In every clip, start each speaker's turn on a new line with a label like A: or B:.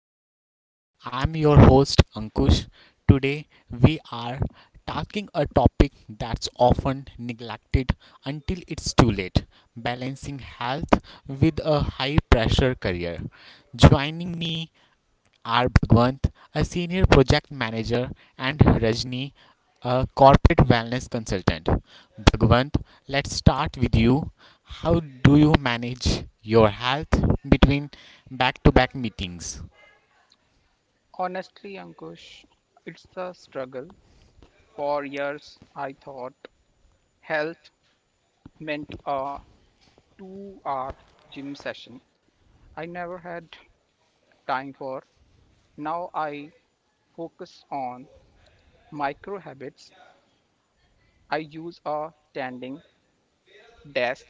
A: Corporate Grind. I'm your host Ankush. Today we are talking a topic that's often neglected until it's too late balancing health with a high pressure career. Joining me are Bhagwant, a senior project manager, and Rajni, a corporate wellness consultant. Bhagwant, let's start with you. How do you manage your health between back to back meetings?
B: Honestly, Ankush, it's a struggle. For years, I thought health meant a 2-hour gym session I never had time for. Now I focus on micro habits. I use a standing desk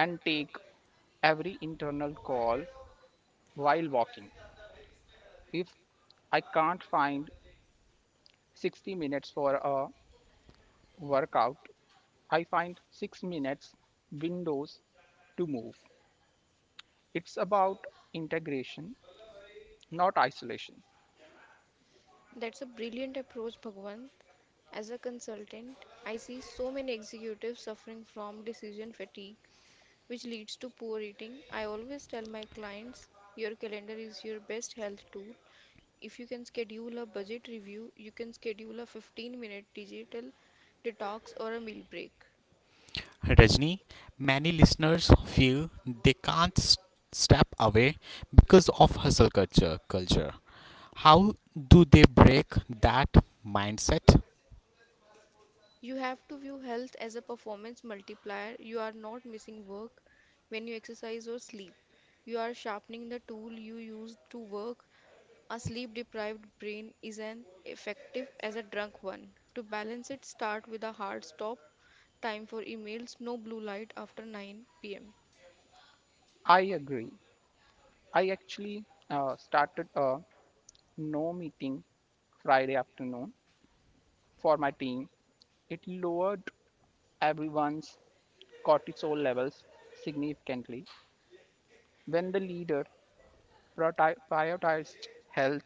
B: and take every internal call while walking. If I can't find 60 minutes for a workout, I find 6 minutes windows to move. It's about integration, not isolation.
C: That's a brilliant approach, Bhagwan. As a consultant, I see so many executives suffering from decision fatigue, which leads to poor eating. I always tell my clients your calendar is your best health tool. If you can schedule a budget review, you can schedule a 15-minute digital detox or a meal break.
A: Rajni, many listeners feel they can't step away because of hustle culture. How do they break that mindset?
C: You have to view health as a performance multiplier. You are not missing work when you exercise or sleep. You are sharpening the tool you use to work. A sleep deprived brain is as effective as a drunk one. To balance it, start with a hard stop time for emails, no blue light after 9 pm.
B: I agree. I actually started a no meeting Friday afternoon for my team. It lowered everyone's cortisol levels significantly. When the leader prioritized health,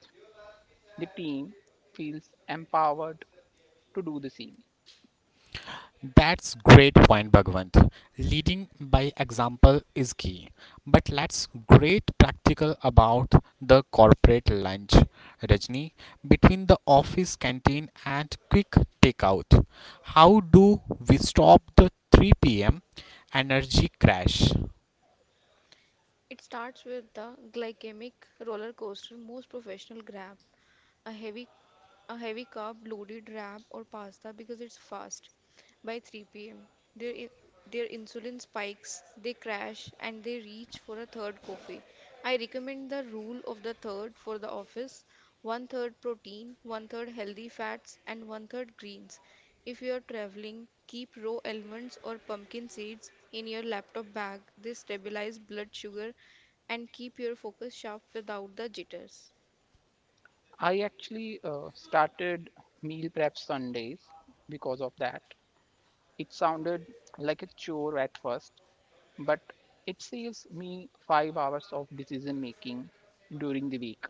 B: the team feels empowered to do the same.
A: That's great point, Bhagwant. Leading by example is key. But let's great practical about the corporate lunch, Rajni, between the office canteen and quick takeout. How do we stop the 3 p.m. energy crash?
C: It starts with the glycemic roller coaster most professionals grab. A heavy a heavy carb loaded wrap or pasta because it's fast by 3 p.m. Their in, their insulin spikes, they crash and they reach for a third coffee. I recommend the rule of the third for the office. One third protein, one third healthy fats and one third greens. If you are traveling, keep raw almonds or pumpkin seeds in your laptop bag. They stabilize blood sugar and keep your focus sharp without the jitters.
B: I actually started meal prep Sundays because of that. It sounded like a chore at first, but it saves me 5 hours of decision making during the week.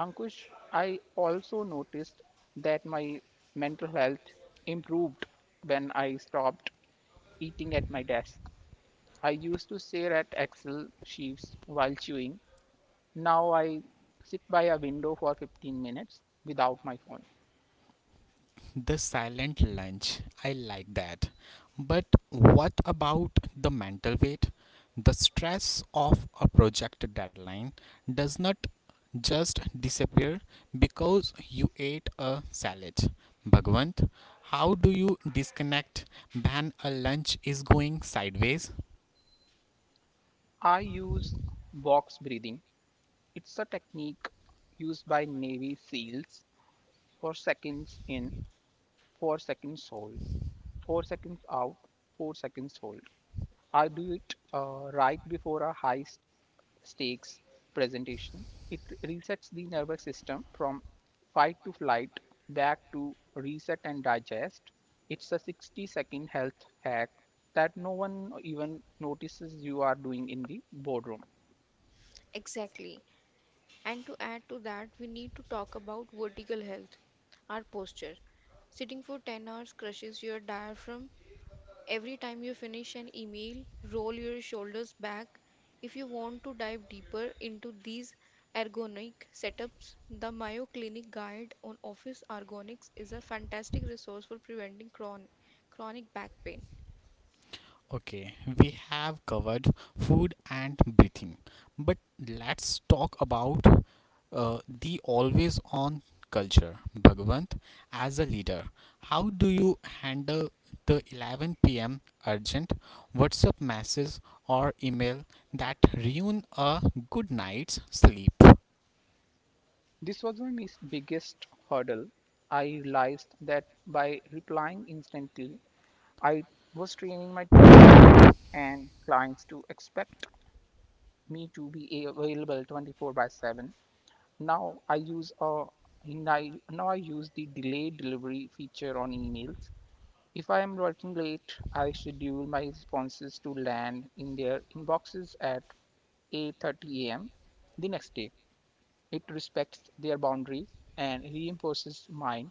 B: Ankush, I also noticed that my mental health improved when I stopped eating at my desk. I used to stare at Excel sheets while chewing. Now I sit by a window for 15 minutes without my phone.
A: The silent lunch. I like that. But what about the mental weight? The stress of a project deadline does not just disappear because you ate a salad. Bhagwant, how do you disconnect when a lunch is going sideways?
B: I use box breathing. It's a technique used by Navy SEALs for seconds in, 4 seconds hold, 4 seconds out, 4 seconds hold. I do it right before a high stakes presentation. It resets the nervous system from fight to flight back to reset and digest. It's a 60-second health hack that no one even notices you are doing in the boardroom.
C: Exactly. And to add to that, we need to talk about vertical health, our posture. Sitting for 10 hours crushes your diaphragm. Every time you finish an email, roll your shoulders back. If you want to dive deeper into these ergonomic setups, the Mayo Clinic Guide on Office Ergonomics is a fantastic resource for preventing chronic back pain.
A: Okay, we have covered food and breathing, but let's talk about the always on culture. Bhagwant, as a leader, how do you handle the 11 p.m. urgent WhatsApp message or email that ruin a good night's sleep?
B: This was my biggest hurdle. I realized that by replying instantly, I was training my team and clients to expect me to be available 24/7. Now I use a now I use the delayed delivery feature on emails. If I am working late, I schedule my responses to land in their inboxes at 8:30 a.m. the next day. It respects their boundaries and reinforces mine.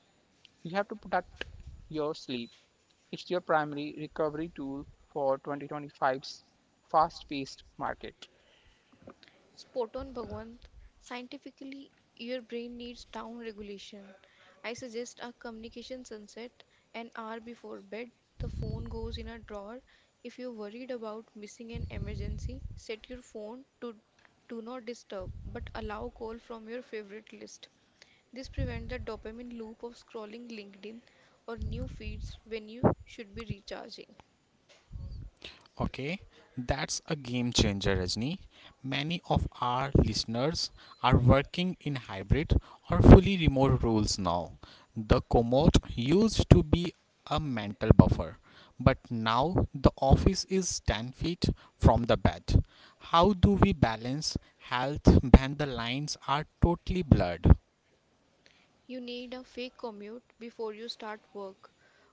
B: You have to protect your sleep. It's your primary recovery tool for 2025's fast paced market.
C: Spot on, Bhagwant. Scientifically, your brain needs down regulation. I suggest a communication sunset an hour before bed. The phone goes in a drawer. If you're worried about missing an emergency, set your phone to do not disturb but allow call from your favorite list. This prevents the dopamine loop of scrolling LinkedIn or new feeds when you should be recharging.
A: Okay, that's a game changer, Rajni. Many of our listeners are working in hybrid or fully remote roles now. The commute used to be a mental buffer, but now the office is 10 feet from the bed. How do we balance health when the lines are totally blurred?
C: You need a fake commute before you start work.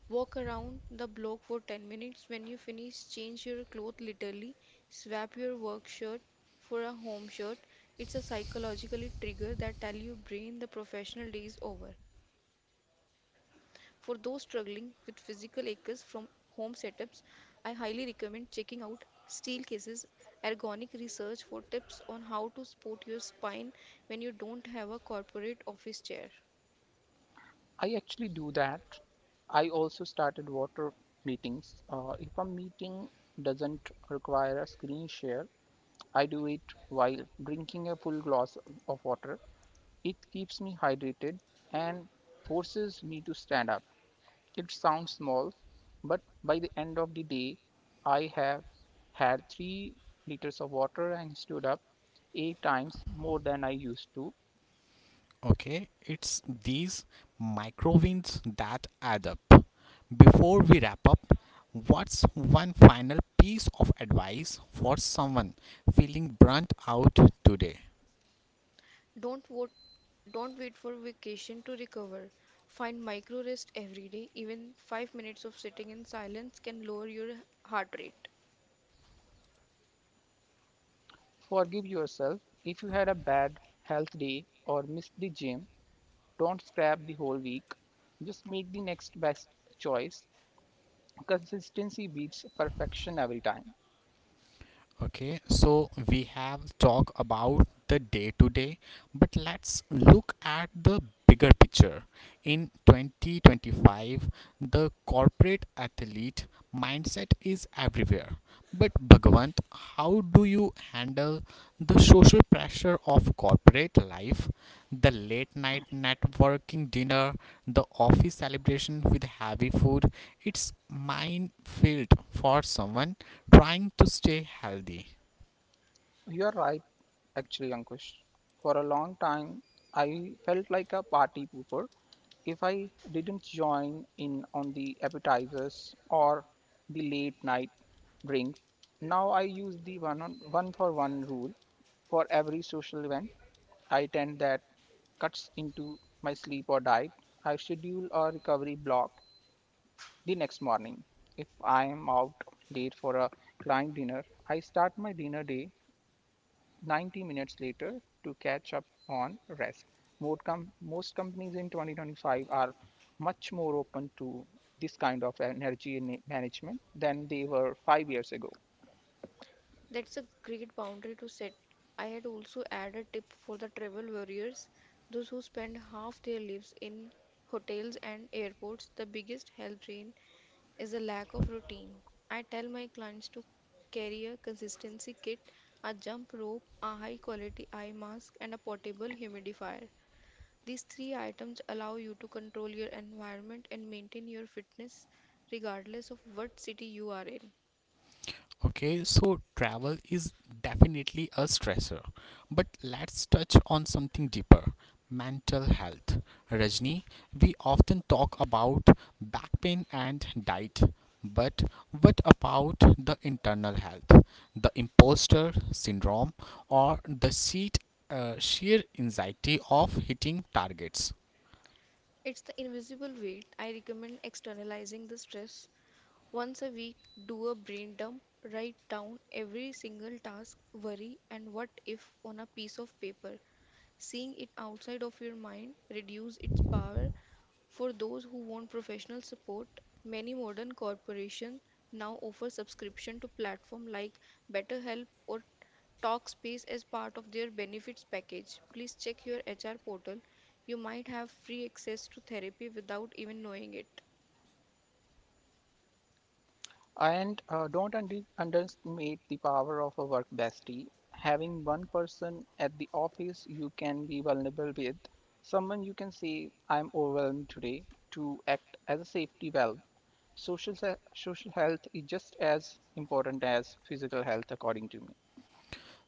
C: Walk around the block for 10 minutes. When you finish, change your clothes literally. Swap your work shirt for a home shirt. It's a psychologically trigger that tells your brain the professional day is over. For those struggling with physical aches from home setups, I highly recommend checking out Steel Cases Ergonomic Research for tips on how to support your spine when you don't have a corporate office chair.
B: I actually do that. I also started water meetings. If a meeting doesn't require a screen share, I do it while drinking a full glass of water. It keeps me hydrated and forces me to stand up. It sounds small, but by the end of the day, I have had 3 liters of water and stood up eight times more than I used to.
A: Okay, it's these micro wins that add up. Before we wrap up, what's one final piece of advice for someone feeling burnt out today?
C: Don't vote, don't wait for vacation to recover. Find micro rest every day. Even 5 minutes of sitting in silence can lower your heart rate.
B: Forgive yourself if you had a bad health day or missed the gym. Don't scrap the whole week. Just make the next best choice. Consistency beats perfection every time.
A: Okay, so we have talked about the day to day, but let's look at the bigger picture. In 2025, the corporate athlete mindset is everywhere. But Bhagwant, how do you handle the social pressure of corporate life, the late night networking dinner, the office celebration with heavy food? It's minefield for someone trying to stay healthy.
B: You're right, actually, Ankush. For a long time, I felt like a party pooper if I didn't join in on the appetizers or the late night drinks. Now I use the one on one for one rule for every social event I attend that cuts into my sleep or diet. I schedule a recovery block the next morning. If I am out late for a client dinner, I start my dinner day 90 minutes later to catch up on rest. Most companies in 2025 are much more open to this kind of energy management than they were 5 years ago.
C: That's a great boundary to set. I had also added a tip for the travel warriors, those who spend half their lives in hotels and airports. The biggest health drain is the lack of routine. I tell my clients to carry a consistency kit, a jump rope, a high quality eye mask, and a portable humidifier. These three items allow you to control your environment and maintain your fitness regardless of what city you are in.
A: Okay, so travel is definitely a stressor, but let's touch on something deeper, mental health. Rajni, we often talk about back pain and diet, but what about the internal health, the imposter syndrome, or the sheer anxiety of hitting targets?
C: It's the invisible weight. I recommend externalizing the stress. Once a week, do a brain dump. Write down every single task, worry, and what if on a piece of paper. Seeing it outside of your mind reduces its power for those who want professional support. Many modern corporations now offer subscription to platforms like BetterHelp or TalkSpace as part of their benefits package. Please check your HR portal. You might have free access to therapy without even knowing it.
B: And don't underestimate the power of a work bestie. Having one person at the office you can be vulnerable with, someone you can say, I'm overwhelmed today, to act as a safety valve. Social social health is just as important as physical health, according to me.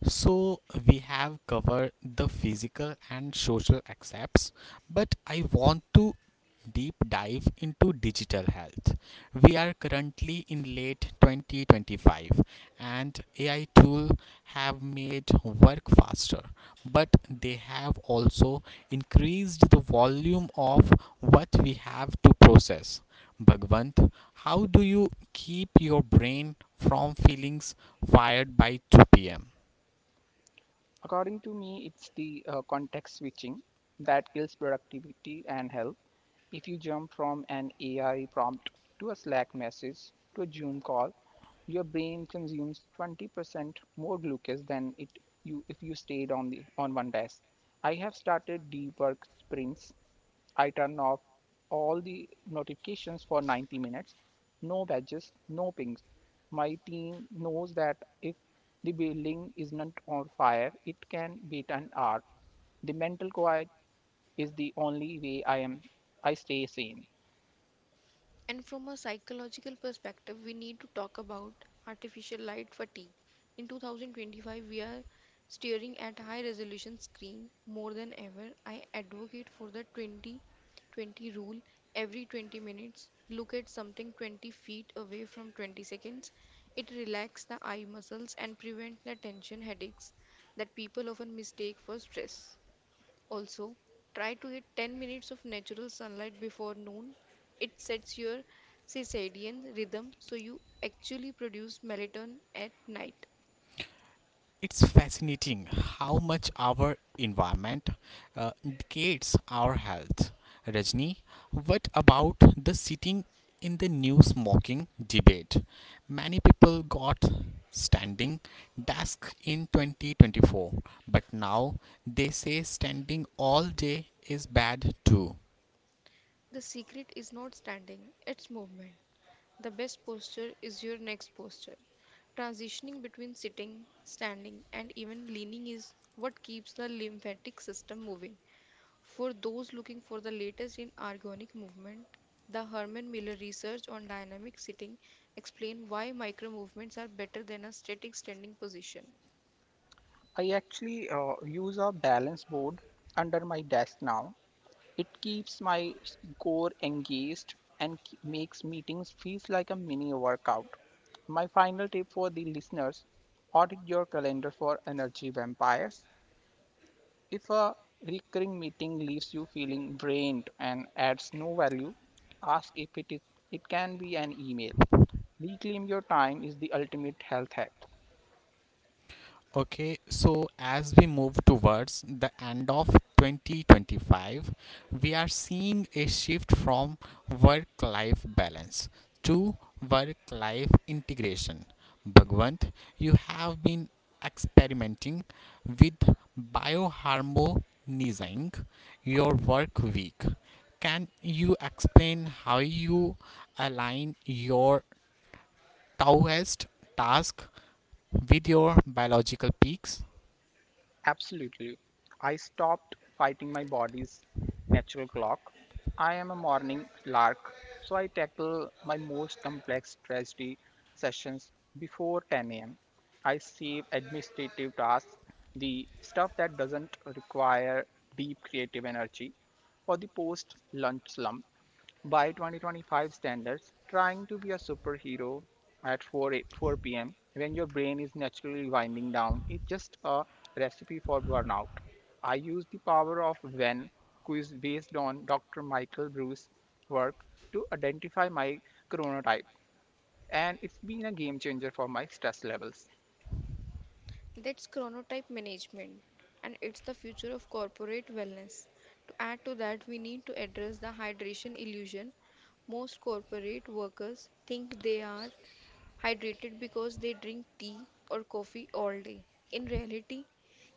A: So, we have covered the physical and social aspects, but I want to deep dive into digital health. We are currently in late 2025 and AI tools have made work faster, but they have also increased the volume of what we have to process. Bhagwant, how do you keep your brain from feelings fired by 2 p.m.?
B: According to me, it's the context switching that kills productivity and health. If you jump from an AI prompt to a Slack message to a Zoom call, your brain consumes 20% more glucose than it you if you stayed on the on one desk. I have started deep work sprints. I turn off all the notifications for 90 minutes. No badges, no pings. My team knows that if the building is not on fire, it can wait an hour. The mental quiet is the only way I stay sane.
C: And from a psychological perspective, we need to talk about artificial light fatigue. In 2025, we are staring at high resolution screen more than ever. I advocate for the 20 20 rule. Every 20 minutes, look at something 20 feet away from 20 seconds. It relaxes the eye muscles and prevents the tension headaches that people often mistake for stress. Also, try to get 10 minutes of natural sunlight before noon. It sets your circadian rhythm so you actually produce melatonin at night.
A: It's fascinating how much our environment indicates our health. Rajni, what about the sitting in the new smoking debate? Many people got standing desk in 2024, but now they say standing all day is bad too.
C: The secret is not standing, it's movement. The best posture is your next posture. Transitioning between sitting, standing, and even leaning is what keeps the lymphatic system moving. For those looking for the latest in organic movement, the Herman Miller research on dynamic sitting explain why micro movements are better than a static standing position.
B: I actually use a balance board under my desk now. It keeps my core engaged and makes meetings feels like a mini workout. My final tip for the listeners: audit your calendar for energy vampires. If a recurring meeting leaves you feeling drained and adds no value, ask if it can be an email. Reclaim your time is the ultimate health hack.
A: Okay, so as we move towards the end of 2025, we are seeing a shift from work life balance to work life integration. Bhagwant, you have been experimenting with bioharmonizing your work week. Can you explain how you align your Taoist task with your biological peaks?
B: Absolutely. I stopped fighting my body's natural clock. I am a morning lark, so I tackle my most complex strategy sessions before 10 a.m. I save administrative tasks, the stuff that doesn't require deep creative energy, for the post lunch slump. By 2025 standards, trying to be a superhero at 4 p.m. when your brain is naturally winding down is just a recipe for burnout. I use the power of when quiz based on Dr. Michael Bruce's work to identify my chronotype, and it's been a game changer for my stress levels.
C: That's chronotype management and it's the future of corporate wellness. To add to that, we need to address the hydration illusion. Most corporate workers think they are hydrated because they drink tea or coffee all day. In reality,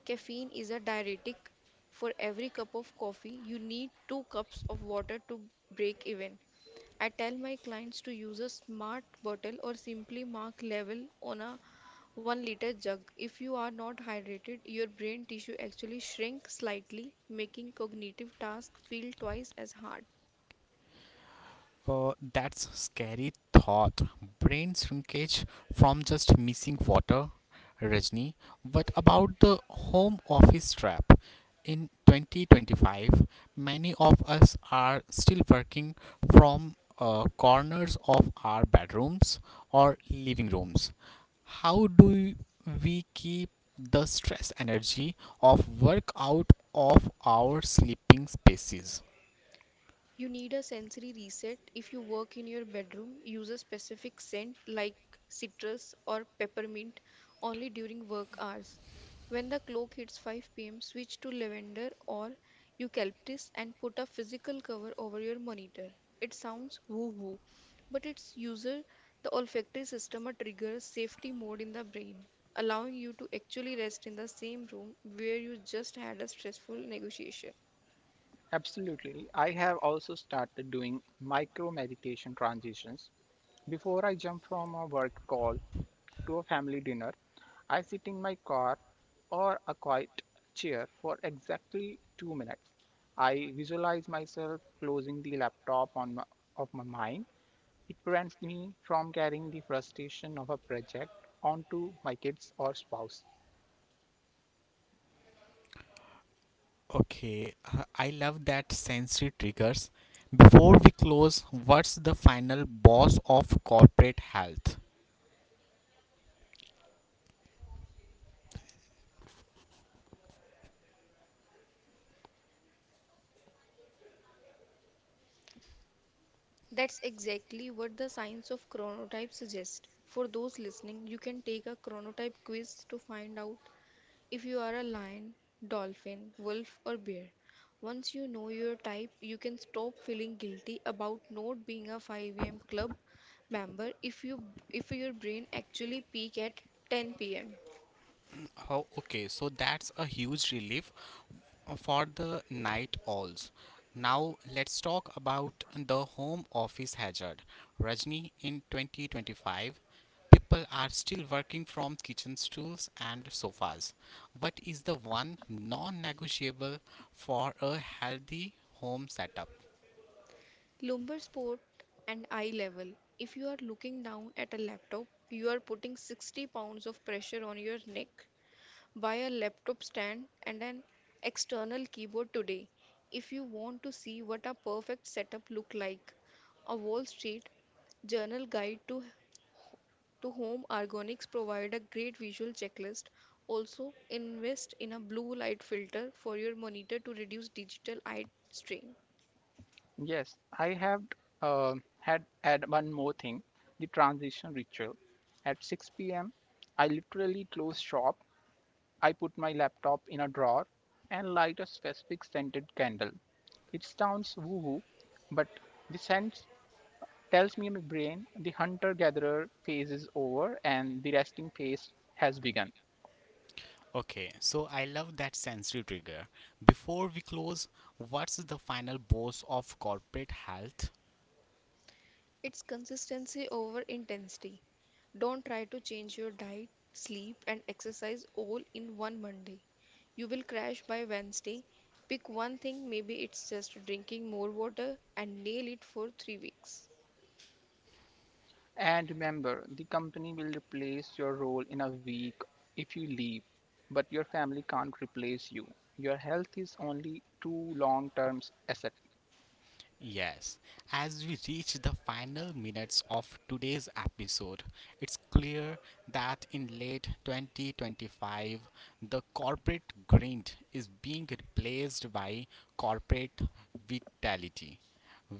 C: caffeine is a diuretic. For every cup of coffee, you need 2 cups of water to break even. I tell my clients to use a smart bottle or simply mark level on a 1 liter jug. If you are not hydrated, your brain tissue actually shrinks slightly, making cognitive tasks feel twice as hard.
A: That's scary thought. Brain shrinkage from just missing water, Rajni. What about the home office trap? In 2025, many of us are still working from corners of our bedrooms or living rooms. How do we keep the stress energy of work out of our sleeping spaces?
C: You need a sensory reset if you work in your bedroom. Use a specific scent like citrus or peppermint only during work hours. When the clock hits 5 p.m., switch to lavender or eucalyptus and put a physical cover over your monitor. It sounds woo woo, but it's user the olfactory system a trigger safety mode in the brain, allowing you to actually rest in the same room where you just had a stressful negotiation.
B: Absolutely. I have also started doing micro meditation transitions. Before I jump from a work call to a family dinner, I sit in my car or a quiet chair for exactly 2 minutes. I visualize myself closing the laptop of my mind. It prevents me from carrying the frustration of a project onto my kids or spouse.
A: Okay, I love that sensory triggers. Before we close, what's the final boss of corporate health?
C: That's exactly what the science of chronotype suggests. For those listening, you can take a chronotype quiz to find out if you are a lion, dolphin, wolf, or bear. Once you know your type, you can stop feeling guilty about not being a 5 a.m. club member if your brain actually peak at 10 p.m.
A: Oh, okay, so that's a huge relief for the night owls. Now let's talk about the home office hazard. Rajni, in 2025, people are still working from kitchen stools and sofas. What is the one non negotiable for a healthy home setup?
C: Lumbar spot and eye level. If you are looking down at a laptop, you are putting 60 pounds of pressure on your neck. Buy a laptop stand and an external keyboard today if you want to see what a perfect setup look like. A Wall Street Journal guide to home ergonomics provide a great visual checklist. Also, invest in a blue light filter for your monitor to reduce digital eye strain.
B: Yes, I have uh, had add one more thing: the transition ritual. At 6 p.m., I literally close shop. I put my laptop in a drawer and light a specific scented candle. It sounds woo hoo, but the scent tells me in my brain the hunter gatherer phase is over and the resting phase has begun.
A: Okay, so I love that sensory trigger. Before we close, what's the final boss of corporate health?
C: It's consistency over intensity. Don't try to change your diet, sleep, and exercise all in one Monday. You will crash by Wednesday. Pick one thing, maybe it's just drinking more water, and nail it for 3 weeks.
B: And remember, the company will replace your role in a week if you leave, but your family can't replace you. Your health is only two long term asset.
A: Yes, as we reach the final minutes of today's episode, it's clear that in late 2025, the corporate grind is being replaced by corporate vitality.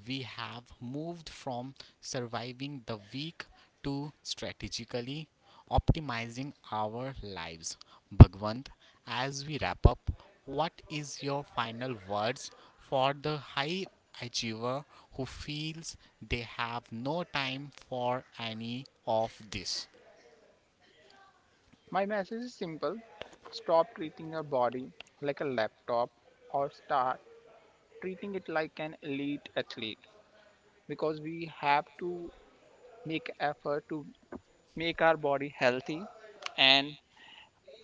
A: We have moved from surviving the week to strategically optimizing our lives. Bhagwant, as we wrap up, what is your final words for the high achiever who feels they have no time for any of this?
B: My message is simple: stop treating your body like a laptop or start treating it like an elite athlete, because we have to make effort to make our body healthy, and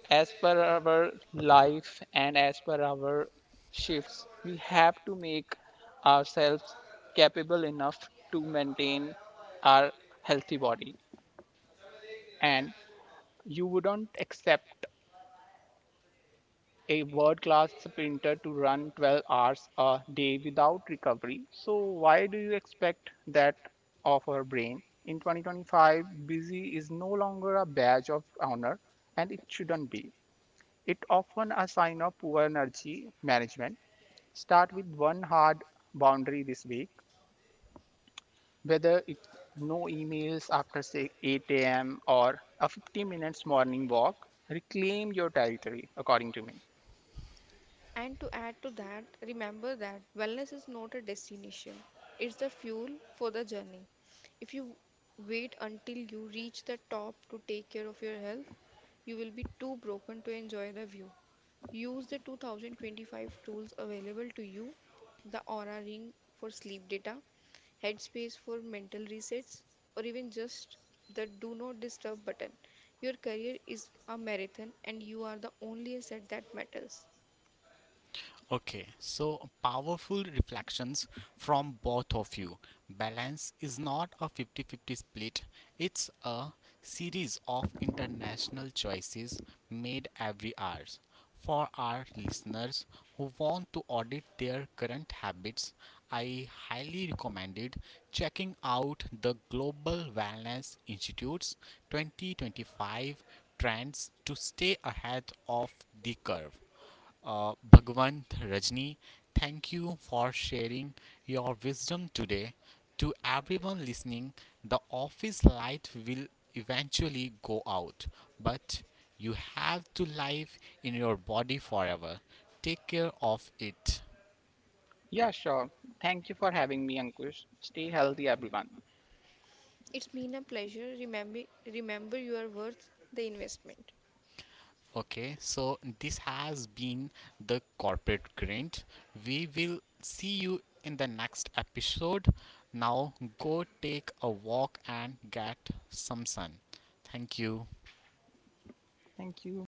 B: as per our life and as per our shifts we have to make ourselves capable enough to maintain our healthy body. And you wouldn't accept a world class sprinter to run 12 hours a day without recovery. So, why do you expect that of our brain? In 2025, busy is no longer a badge of honor and it shouldn't be. It often a sign of poor energy management. Start with one hard boundary this week, whether it's no emails after say 8 a.m. or a 50 minutes morning walk. Reclaim your territory, according to me.
C: And to add to that, remember that wellness is not a destination, it's the fuel for the journey. If you wait until you reach the top to take care of your health, you will be too broken to enjoy the view. Use the 2025 tools available to you the Aura Ring for sleep data, Headspace for mental resets, or even just the Do Not Disturb button. Your career is a marathon, and you are the only asset that matters.
A: Okay, so powerful reflections from both of you. Balance is not a 50-50 split, it's a series of international choices made every hour. For our listeners who want to audit their current habits, I highly recommended checking out the Global Wellness Institute's 2025 trends to stay ahead of the curve. Bhagwant Rajni, thank you for sharing your wisdom today. To everyone listening, the office light will eventually go out, but you have to live in your body forever. Take care of it.
B: Yeah, sure. Thank you for having me, Ankush. Stay healthy, everyone.
C: It's been a pleasure. Remember, you are worth the investment.
A: Okay, so this has been the corporate grind. We will see you in the next episode. Now go take a walk and get some sun. Thank you.
B: Thank you.